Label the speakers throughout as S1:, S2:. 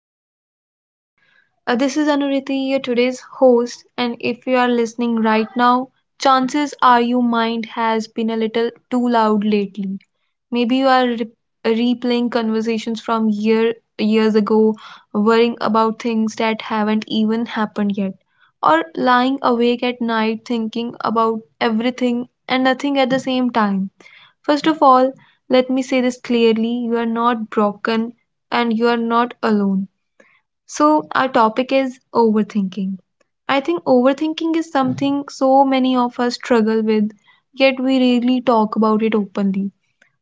S1: to the podcast. This is Anuriti, your today's host, and if you are listening right now, chances are your mind has been a little too loud lately. Maybe you are replaying conversations from years ago, worrying about things that haven't even happened yet, or lying awake at night thinking about everything and nothing at the same time. First of all, let me say this clearly, you are not broken and you are not alone. So, our topic is overthinking. I think overthinking is something so many of us struggle with, yet we rarely talk about it openly.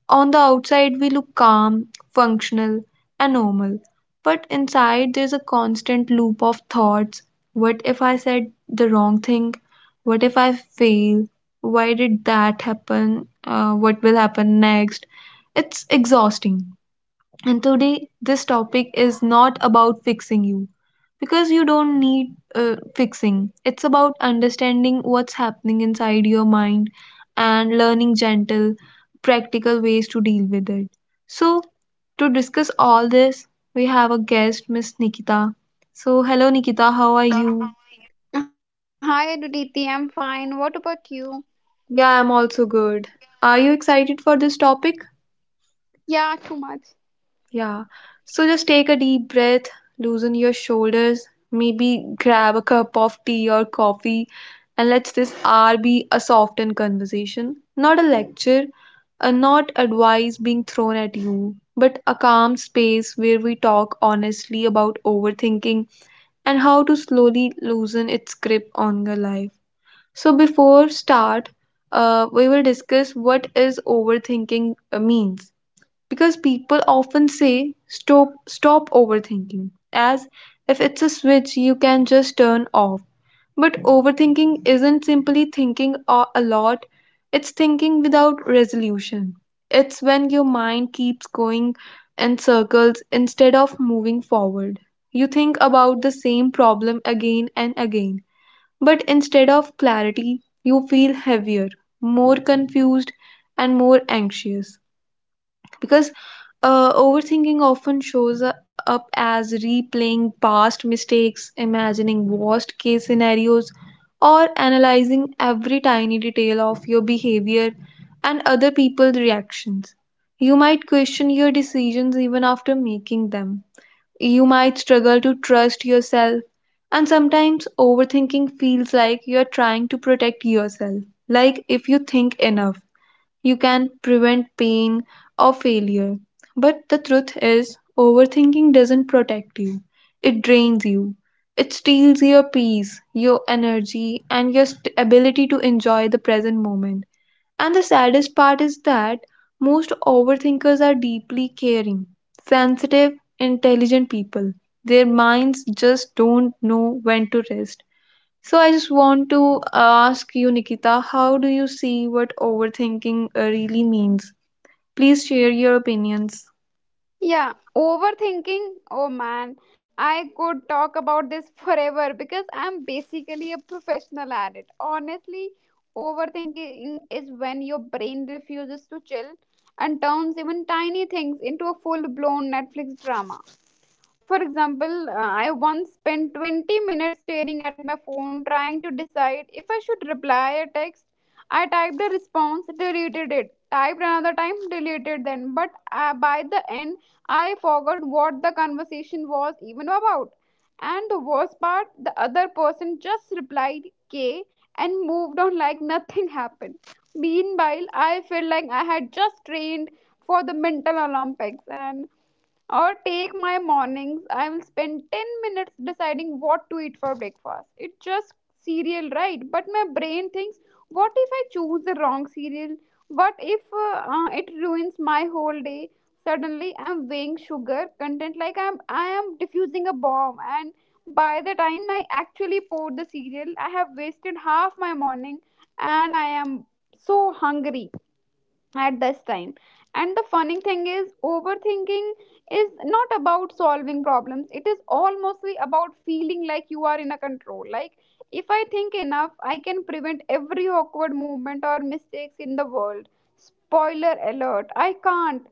S1: On the outside, we look calm, functional, and normal. But inside, there's a constant loop of thoughts. What if I said the wrong thing? What if I fail? Why did that happen? What will happen next? It's exhausting. And today, this topic is not about fixing you because you don't need fixing. It's about understanding what's happening inside your mind and learning gentle, practical ways to deal with it. So, to discuss all this, we have a guest, Miss Nikita. So, hello, Nikita, how are you?
S2: Hi, Aditi. I'm fine. What about you?
S1: Yeah, I'm also good. Are you excited for this topic?
S2: Yeah, too much.
S1: Yeah. So just take a deep breath, loosen your shoulders, maybe grab a cup of tea or coffee, and let this hour be a softened conversation, not a lecture, not advice being thrown at you, but a calm space where we talk honestly about overthinking and how to slowly loosen its grip on your life. So before start, we will discuss what is overthinking means, because people often say stop overthinking as if it's a switch you can just turn off. But overthinking isn't simply thinking a lot, it's thinking without resolution. It's when your mind keeps going in circles instead of moving forward. You think about the same problem again and again, but instead of clarity you feel heavier, more confused, and more anxious. Because overthinking often shows up as replaying past mistakes, imagining worst case scenarios, or analyzing every tiny detail of your behavior and other people's reactions. You might question your decisions even after making them. You might struggle to trust yourself, and sometimes overthinking feels like you're trying to protect yourself, like if you think enough you can prevent pain or failure. But the truth is, overthinking doesn't protect you, it drains you. It steals your peace, your energy, and your ability to enjoy the present moment. And the saddest part is that most overthinkers are deeply caring, sensitive, intelligent people. Their minds just don't know when to rest. So I just want to ask you, Nikita, how do you see what overthinking really means? Please share your opinions.
S2: Yeah, overthinking. Oh man, I could talk about this forever because I'm basically a professional at it. Honestly, overthinking is when your brain refuses to chill and turns even tiny things into a full blown Netflix drama. For example, I once spent 20 minutes staring at my phone trying to decide if I should reply a text. I typed a response, deleted it, typed another time, deleted then. But by the end, I forgot what the conversation was even about. And the worst part, the other person just replied K and moved on like nothing happened. Meanwhile, I felt like I had just trained for the mental Olympics, and or take my mornings, I will spend 10 minutes deciding what to eat for breakfast. It's just cereal, right? But my brain thinks, what if I choose the wrong cereal? What if it ruins my whole day? Suddenly, I'm weighing sugar content like I am diffusing a bomb, and by the time I actually pour the cereal, I have wasted half my morning, and I am so hungry at this time. And the funny thing is, overthinking is not about solving problems, it is almostly about feeling like you are in a control. Like if I think enough, I can prevent every awkward movement or mistakes in the world. Spoiler alert, I can't.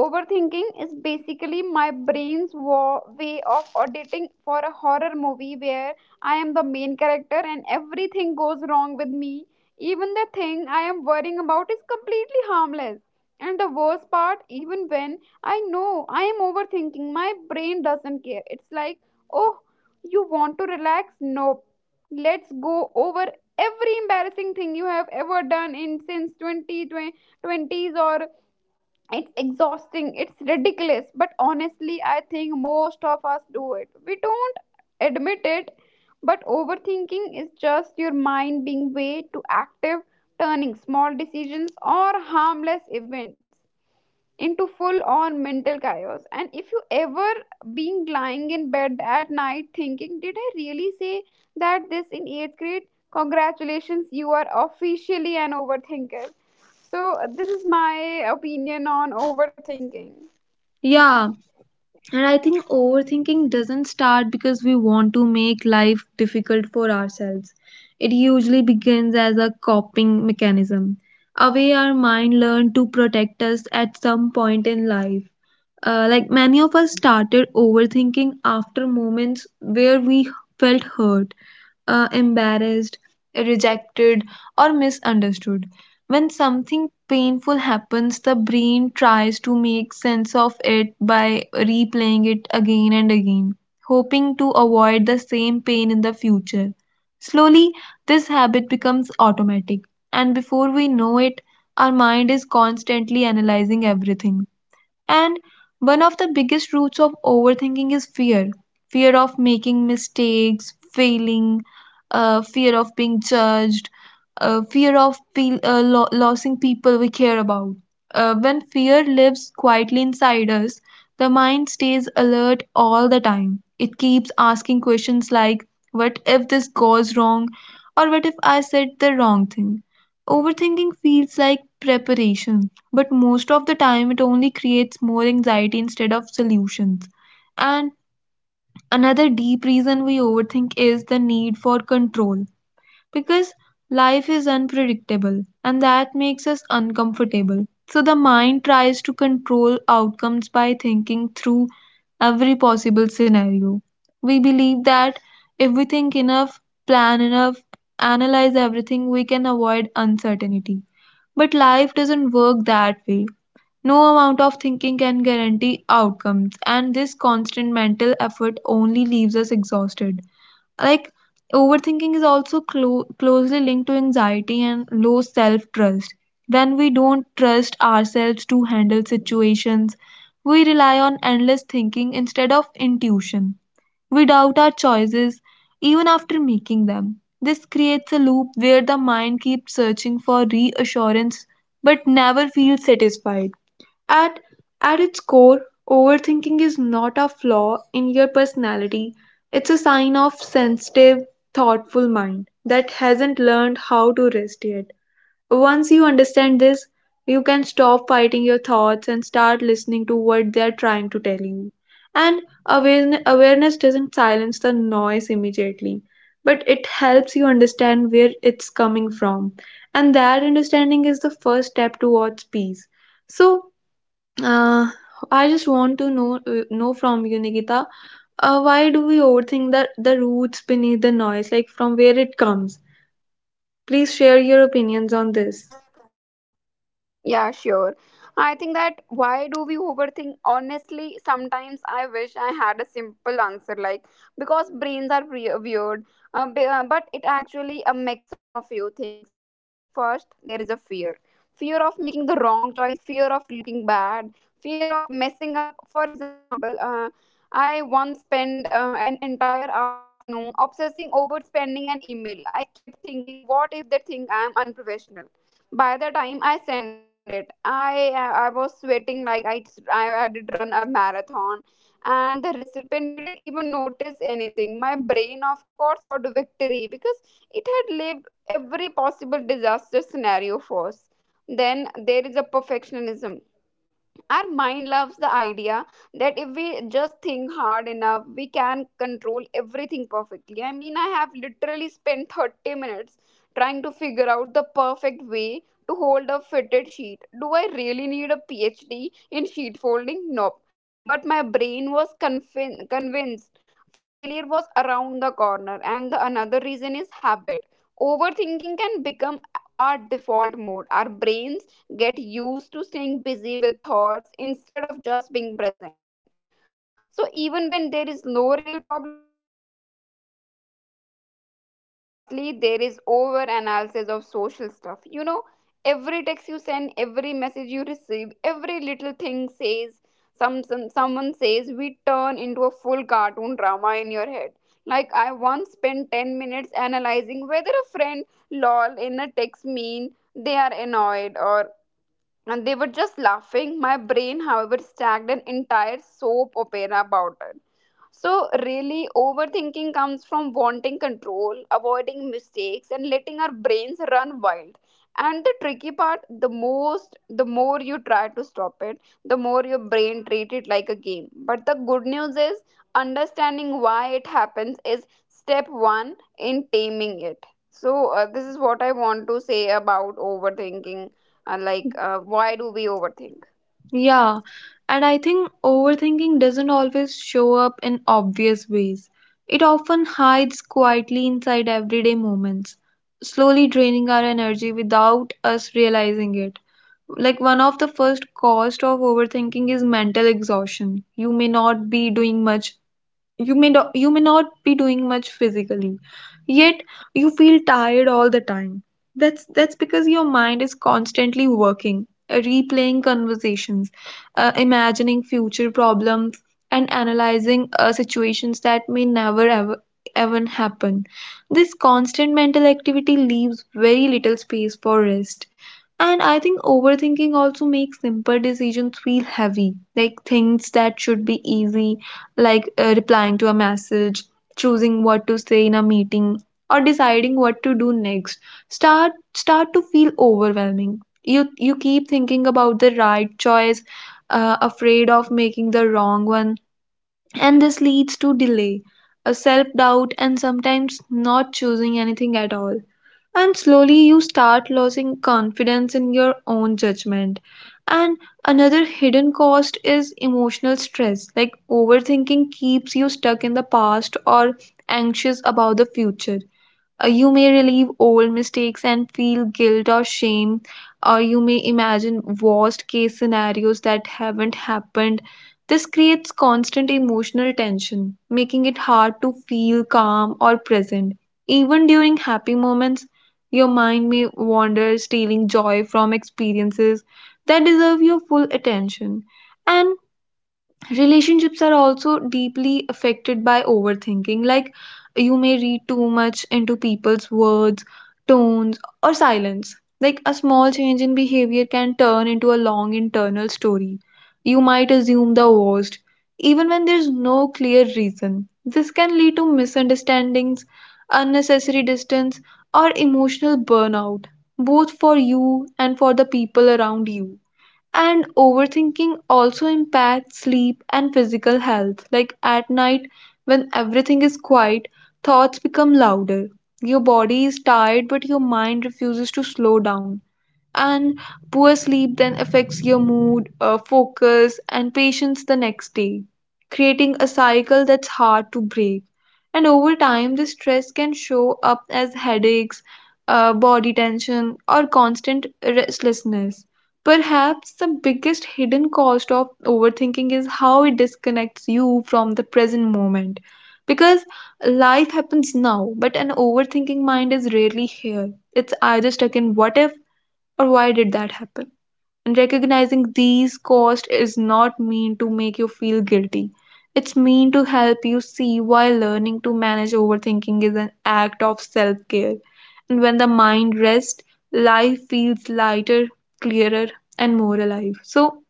S2: Overthinking is basically my brain's way of auditing for a horror movie where I am the main character and everything goes wrong with me, even the thing I am worrying about is completely harmless. And the worst part, even when I know I am overthinking, my brain doesn't care. It's like, oh, you want to relax? Nope. Let's go over every embarrassing thing you have ever done in since 20, twenties, or it's exhausting, it's ridiculous, but honestly I think most of us do it, we don't admit it. But overthinking is just your mind being way too active, turning small decisions or harmless events into full on mental chaos. And if you ever being lying in bed at night thinking, did I really say that this in 8th grade, congratulations, you are officially an overthinker. So this is my opinion on overthinking.
S1: Yeah, and I think overthinking doesn't start because we want to make life difficult for ourselves. It usually begins as a coping mechanism, a way our mind learned to protect us at some point in life. Like many of us started overthinking after moments where we felt hurt, embarrassed, rejected, or misunderstood. When something painful happens, the brain tries to make sense of it by replaying it again and again, hoping to avoid the same pain in the future. Slowly, this habit becomes automatic, and before we know it, our mind is constantly analyzing everything. And one of the biggest roots of overthinking is fear, fear of making mistakes, failing, fear of being judged, fear of feel, lo- losing people we care about. When fear lives quietly inside us, the mind stays alert all the time. It keeps asking questions like, what if this goes wrong? Or what if I said the wrong thing? Overthinking feels like preparation, but most of the time, it only creates more anxiety instead of solutions. And another deep reason we overthink is the need for control, because life is unpredictable and that makes us uncomfortable. So the mind tries to control outcomes by thinking through every possible scenario. We believe that if we think enough, plan enough, analyze everything, we can avoid uncertainty. But life doesn't work that way. No amount of thinking can guarantee outcomes, and this constant mental effort only leaves us exhausted. Like, overthinking is also closely linked to anxiety and low self trust. When we don't trust ourselves to handle situations, we rely on endless thinking instead of intuition. We doubt our choices even after making them. This creates a loop where the mind keeps searching for reassurance but never feels satisfied. At, at its core, overthinking is not a flaw in your personality. It's a sign of sensitive, thoughtful mind that hasn't learned how to rest yet. Once you understand this, you can stop fighting your thoughts and start listening to what they are trying to tell you. And awareness doesn't silence the noise immediately, but it helps you understand where it's coming from. And that understanding is the first step towards peace. So, uh, I just want to know from you, Nikita. Why do we overthink, the roots beneath the noise, like from where it comes? Please share your
S2: yeah so
S1: opinions on this.
S2: Yeah, sure. I think that why do we overthink? Honestly, sometimes I wish I had a simple answer like because brains are weird, but it actually a mix of few things. First, there is a fear. Fear of making the wrong choice, fear of looking bad, fear of messing up. For example, I once spent an entire afternoon obsessing over spending an email. I kept thinking, what if they think I am unprofessional? By the time I send it, I was sweating like I did run a marathon, and the recipient didn't even notice anything. My brain, of course, thought victory because it had lived every possible disaster scenario first. Then there is a perfectionism. Our mind loves the idea that if we just think hard enough we can control everything perfectly. I mean, I have literally spent 30 minutes trying to figure out the perfect way to hold a fitted sheet. Do I really need a PhD in sheet folding? Nope. But my brain was convinced failure was around the corner. And the another reason is habit. Overthinking can become our default mode. Our brains get used to staying busy with thoughts instead of just being present. So, even when there is no real problem, our mind goes, let's create one anyway. And lastly, there is over analysis of social stuff. You know, every text you send, every message you receive, every little thing says, someone says, we turn into a full cartoon drama in your head. Like I once spent 10 minutes analyzing whether a friend lol in a text mean they are annoyed, or and they were just laughing. My brain, however, stacked an entire soap opera about it. So, really, overthinking comes from wanting control, avoiding mistakes, and letting our brains run wild. And the tricky part, the more you try to stop it, the more your brain treat it like a game. But the good news is, understanding why it happens is step one in taming it. So, this is what I want to say about overthinking, why do we overthink.
S1: Yeah, and I think overthinking doesn't always show up in obvious ways. It often hides quietly inside everyday moments, slowly draining our energy without us realizing it. Like one of the first cost of overthinking is mental exhaustion. You may not be doing much, you may not be doing much physically, yet you feel tired all the time. That's because your mind is constantly working, replaying conversations, imagining future problems, and analyzing situations that may never ever even happen. This constant mental activity leaves very little space for rest. And I think overthinking also makes simple decisions feel heavy, like things that should be easy, like replying to a message, choosing what to say in a meeting, or deciding what to do next start to feel overwhelming. You keep thinking about the right choice, afraid of making the wrong one, and this leads to delay, a self doubt, and sometimes not choosing anything at all. And slowly you start losing confidence in your own judgment. And another hidden cost is emotional stress, like overthinking keeps you stuck in the past or anxious about the future. You may relive old mistakes and feel guilt or shame, or you may imagine worst case scenarios that haven't happened. This creates constant emotional tension, making it hard to feel calm or present. Even during happy moments, your mind may wander, stealing joy from experiences that deserve your full attention. And relationships are also deeply affected by overthinking. Like you may read too much into people's words, tones, or silence. Like a small change in behavior can turn into a long internal story. You might assume the worst even when there's no clear reason. This can lead to misunderstandings, unnecessary distance, or emotional burnout, both for you and for the people around you. And overthinking also impacts sleep and physical health. Like at night, when everything is quiet, thoughts become louder. Your body is tired, but your mind refuses to slow down, and poor sleep then affects your mood, focus, and patience the next day, creating a cycle that's hard to break. And over time, this stress can show up as headaches, body tension, or constant restlessness. Perhaps the biggest hidden cost of overthinking is how it disconnects you from the present moment. Because life happens now, but an overthinking mind is rarely here. It's either stuck in what if or why did that happen? And recognizing these costs is not mean to make you feel guilty. It's mean to help you see why learning to manage overthinking is an act of self care. And when the mind rests, life feels lighter, clearer, and more alive. So,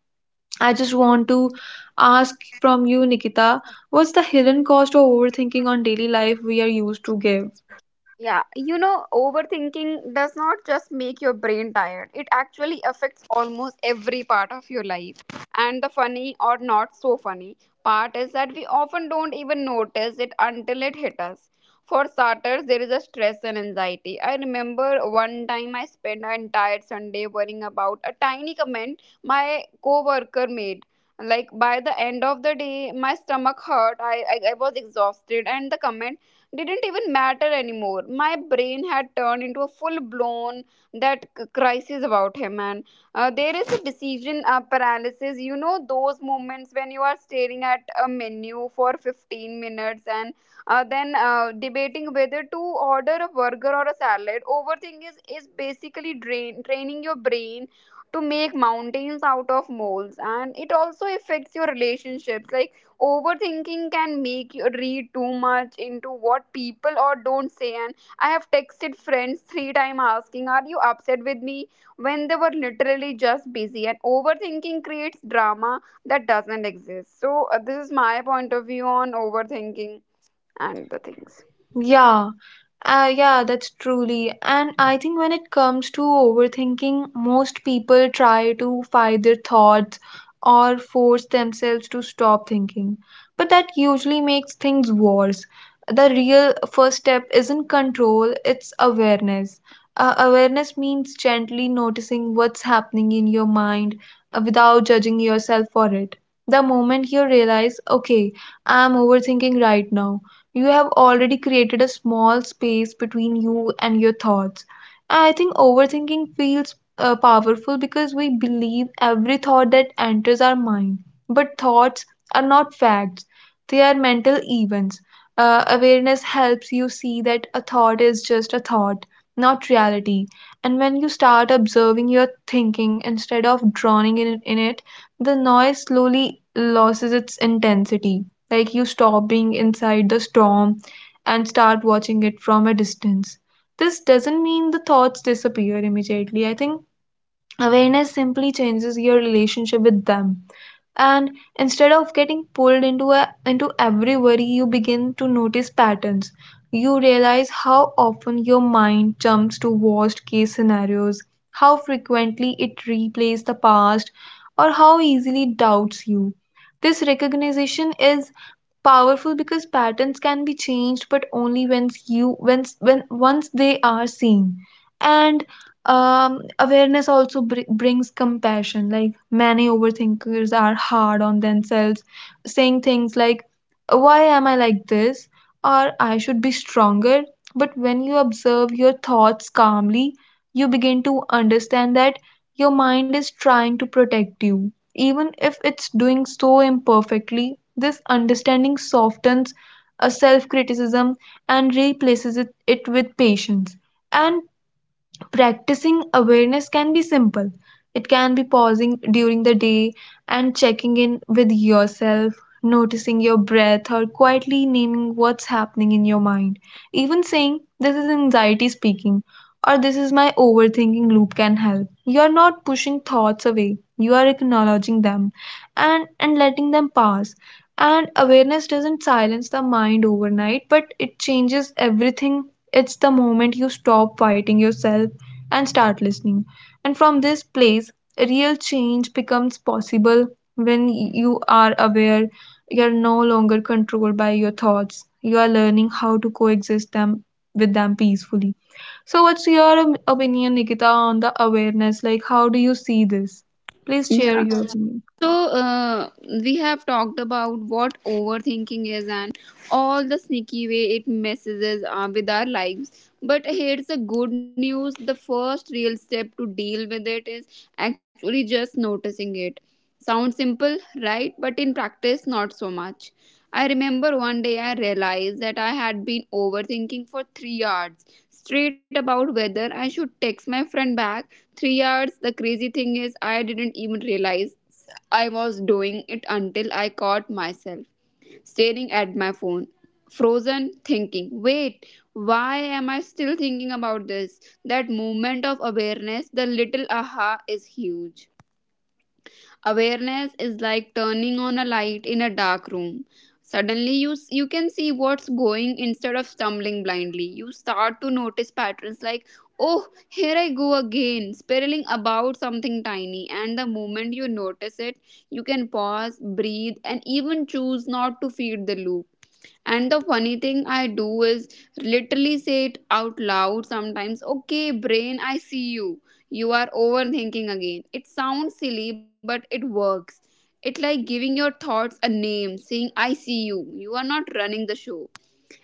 S1: I just want to ask from you, Nikita, what's the hidden cost of overthinking on daily life we are used to give?
S2: Yeah, you know, overthinking does not just make your brain tired, it actually affects almost every part of your life. And the funny or not so funny part is that we often don't even notice it until it hits us. For starters, there is a stress and anxiety. I remember one time I spent an entire Sunday worrying about a tiny comment my coworker made. Like by the end of the day, my stomach hurt, I was exhausted, and the comment didn't even matter anymore. My brain had turned into a full blown that crisis about him, and there is a decision paralysis. You know those moments when you are staring at a menu for 15 minutes, and then debating whether to order a burger or a salad. Overthinking is basically drain training your brain to make mountains out of moles. And it also affects your relationships. Like overthinking can make you read too much into what people or don't say, and I have texted friends three times asking, are you upset with me, when they were literally just busy. And overthinking creates drama that doesn't exist. So this is my point of view on overthinking and the things.
S1: Yeah, yeah, that's truly. And I think when it comes to overthinking, most people try to fight their thoughts or force themselves to stop thinking. But that usually makes things worse. The real first step isn't control, it's awareness. Awareness means gently noticing what's happening in your mind without judging yourself for it. The moment you realize, okay, I'm overthinking right now, you have already created a small space between you and your thoughts. I think overthinking feels powerful because we believe every thought that enters our mind. But thoughts are not facts, they are mental events. Awareness helps you see that a thought is just a thought, not reality. And when you start observing your thinking instead of drowning in it, the noise slowly loses its intensity. Like you stop being inside the storm and start watching it from a distance. This doesn't mean the thoughts disappear immediately. I think awareness simply changes your relationship with them. And instead of getting pulled into a into every worry, you begin to notice patterns. You realize how often your mind jumps to worst case scenarios, how frequently it replays the past, or how easily doubts you. This recognition is powerful because patterns can be changed but only when you when once they are seen. And awareness also brings compassion. Like many overthinkers are hard on themselves, saying things like, why am I like this, or I should be stronger. But when you observe your thoughts calmly, you begin to understand that your mind is trying to protect you, even if it's doing so imperfectly. This understanding softens a self criticism and replaces it with patience. And practicing awareness can be simple. It can be pausing during the day and checking in with yourself, noticing your breath, or quietly naming what's happening in your mind. Even saying, this is anxiety speaking, or this is my overthinking loop can help. You are not pushing thoughts away, you are acknowledging them and letting them pass. And awareness doesn't silence the mind overnight, but it changes everything. It's the moment you stop fighting yourself and start listening. And from this place, real change becomes possible. When you are aware, you are no longer controlled by your thoughts. You are learning how to coexist them with them peacefully. So, what's your opinion, Nikita, on the awareness? Like, how do you see this? Please share
S2: Yeah.
S1: your opinion.
S2: So, we have talked about what overthinking is and all the sneaky way it messes with our lives. But here's the good news, the first real step to deal with it is actually just noticing it. Sounds simple, right? But in practice, not so much. I remember one day I realized that I had been overthinking for 3 hours straight about whether I should text my friend back. 3 hours. The crazy thing is, I didn't even realize I was doing it until I caught myself staring at my phone, frozen, thinking, wait, why am I still thinking about this? That moment of awareness, the little aha, is huge. Awareness is like turning on a light in a dark room. Suddenly you can see what's going instead of stumbling blindly. You start to notice patterns like, oh, here I go again spiraling about something tiny. And the moment you notice it, you can pause, breathe, and even choose not to feed the loop. And the funny thing I do is literally say it out loud sometimes. Okay, brain, I see you. You are overthinking again. It sounds silly, but it works. It's like giving your thoughts a name, saying, I see you. You are not running the show.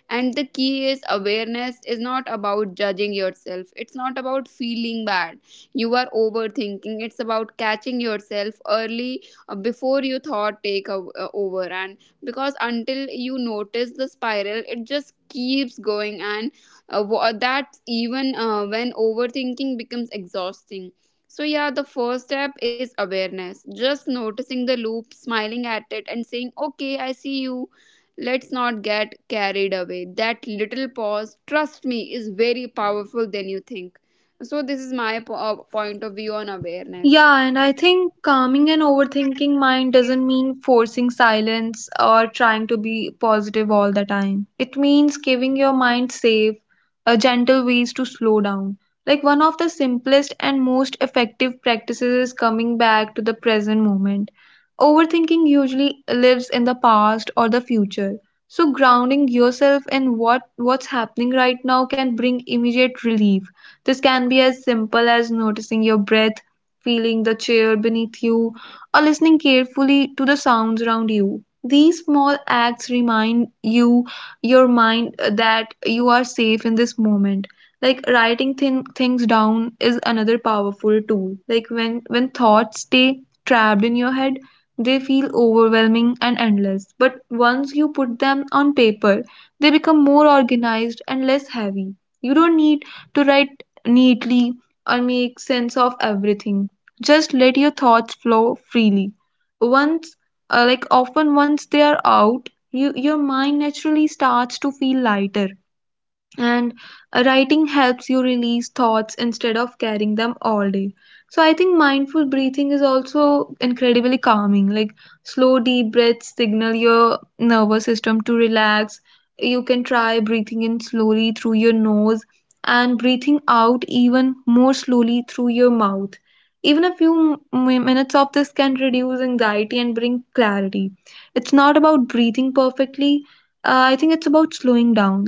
S2: And the key is, awareness is not about judging yourself, it's not about feeling bad. You are overthinking, it's about catching yourself early before you thought take over. And because until you notice the spiral, it just keeps going. And that's even when overthinking becomes exhausting. So, yeah, the first step is awareness. Just noticing the loop, smiling at it, and saying, okay, I see you. Let's not get carried away. That little pause, trust me, is very powerful than you think. So, this is my point of view on awareness.
S1: Yeah, and I think calming an overthinking mind doesn't mean forcing silence or trying to be positive all the time. It means giving your mind safe, a gentle ways to slow down. Like one of the simplest and most effective practices is coming back to the present moment. Overthinking usually lives in the past or the future. So grounding yourself in what's happening right now can bring immediate relief. This can be as simple as noticing your breath, feeling the chair beneath you, or listening carefully to the sounds around you. These small acts remind you, your mind, that you are safe in this moment. Like writing things down is another powerful tool. Like when thoughts stay trapped in your head, they feel overwhelming and endless. But once you put them on paper, they become more organized and less heavy. You don't need to write neatly or make sense of everything, just let your thoughts flow freely. Once like often once they are out, your mind naturally starts to feel lighter. And writing helps you release thoughts instead of carrying them all day. So I think mindful breathing is also incredibly calming. Like slow deep breaths signal your nervous system to relax. You can try breathing in slowly through your nose and breathing out even more slowly through your mouth. Even a few minutes of this can reduce anxiety and bring clarity. It's not about breathing perfectly. I think it's about slowing down.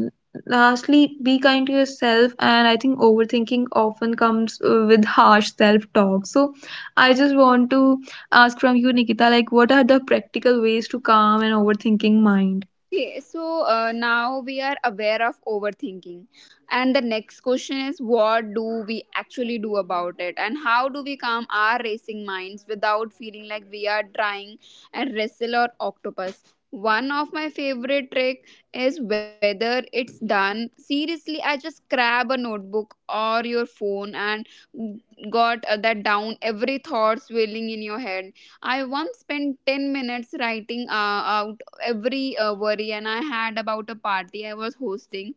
S1: Lastly, be kind to yourself. And I think overthinking often comes with harsh self talk. So I just want to ask from you, Nikita, like, what are the practical ways to calm an overthinking mind?
S2: Okay, so now we are aware of overthinking. And the next question is, what do we actually do about it? And how do we calm our racing minds without feeling like we are trying a wrestle or octopus? One of my favorite trick is whether it's done. Seriously, I just grab a notebook or your phone and got that down every thought swirling in your head. I once spent 10 minutes writing out every worry and I had about a party I was hosting.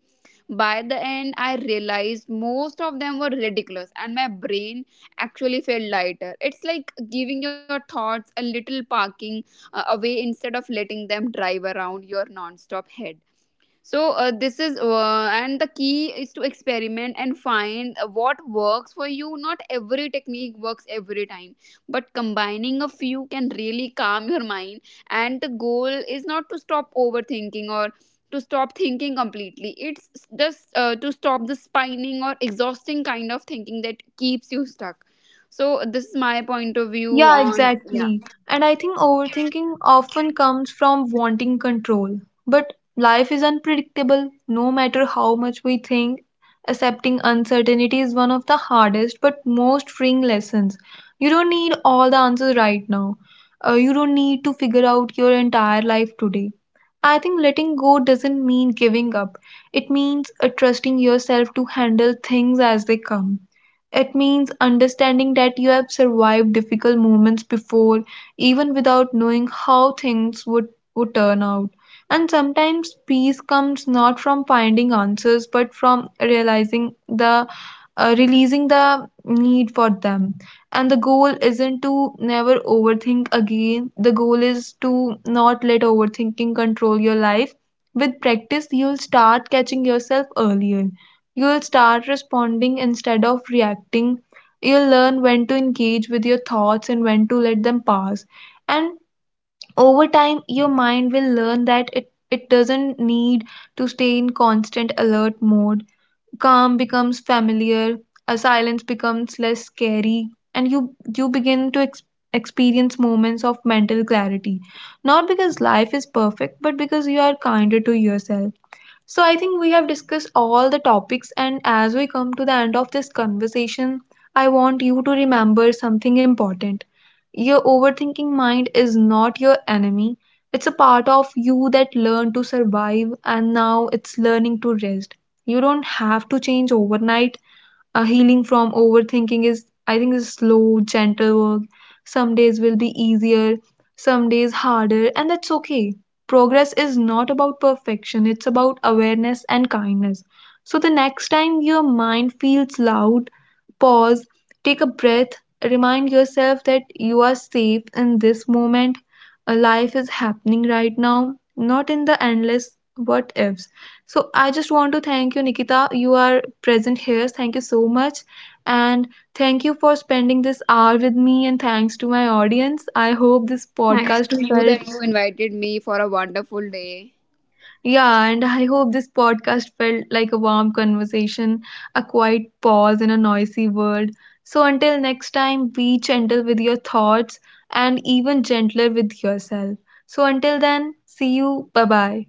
S2: By the end, I realized most of them were ridiculous, and my brain actually felt lighter. It's like giving your thoughts a little parking away instead of letting them drive around your non stop head. So this is and the key is to experiment and find what works for you. Not every technique works every time, but combining a few can really calm your mind. And the goal is not to stop overthinking or to stop thinking completely. It's just to stop the spinning or exhausting kind of thinking that keeps you stuck. So this is my point of view
S1: Yeah,
S2: on, yeah.
S1: exactly. And I think overthinking often comes from wanting control. But life is unpredictable. No matter how much we think, accepting uncertainty is one of the hardest but most freeing lessons. You don't need all the answers right now. You don't need to figure out your entire life today. I think letting go doesn't mean giving up. It means trusting yourself to handle things as they come. It means understanding that you have survived difficult moments before, even without knowing how things would turn out. And sometimes peace comes not from finding answers, but from realizing the releasing the need for them. And the goal isn't to never overthink again. The goal is to not let overthinking control your life. With practice, you'll start catching yourself earlier. You'll start responding instead of reacting. You'll learn when to engage with your thoughts and when to let them pass. And over time, your mind will learn that it doesn't need to stay in constant alert mode. Calm becomes familiar, a silence becomes less scary, and you begin to experience moments of mental clarity. Not because life is perfect, but because you are kinder to yourself. So I think we have discussed all the topics, and as we come to the end of this conversation, I want you to remember something important. Your overthinking mind is not your enemy. It's a part of you that learned to survive, and now it's learning to rest. You don't have to change overnight. Healing from overthinking is, I think, is slow gentle work. Some days will be easier, some days harder, and that's okay. Progress is not about perfection, it's about awareness and kindness. So the next time your mind feels loud, pause, take a breath, remind yourself that you are safe in this moment. A life is happening right now, not in the endless what ifs. So, I just want to thank you, Nikita. You are present here. Thank you so much. And thank you for spending this hour with me. And thanks to my audience. I hope this
S2: Thanks
S1: podcast
S2: to you
S1: felt,
S2: that you invited me for a wonderful day.
S1: yeah, and I hope this podcast felt like a warm conversation, a quiet pause in a noisy world. So until next time, be gentle with your thoughts and even gentler with yourself. So until then, see you. Bye bye.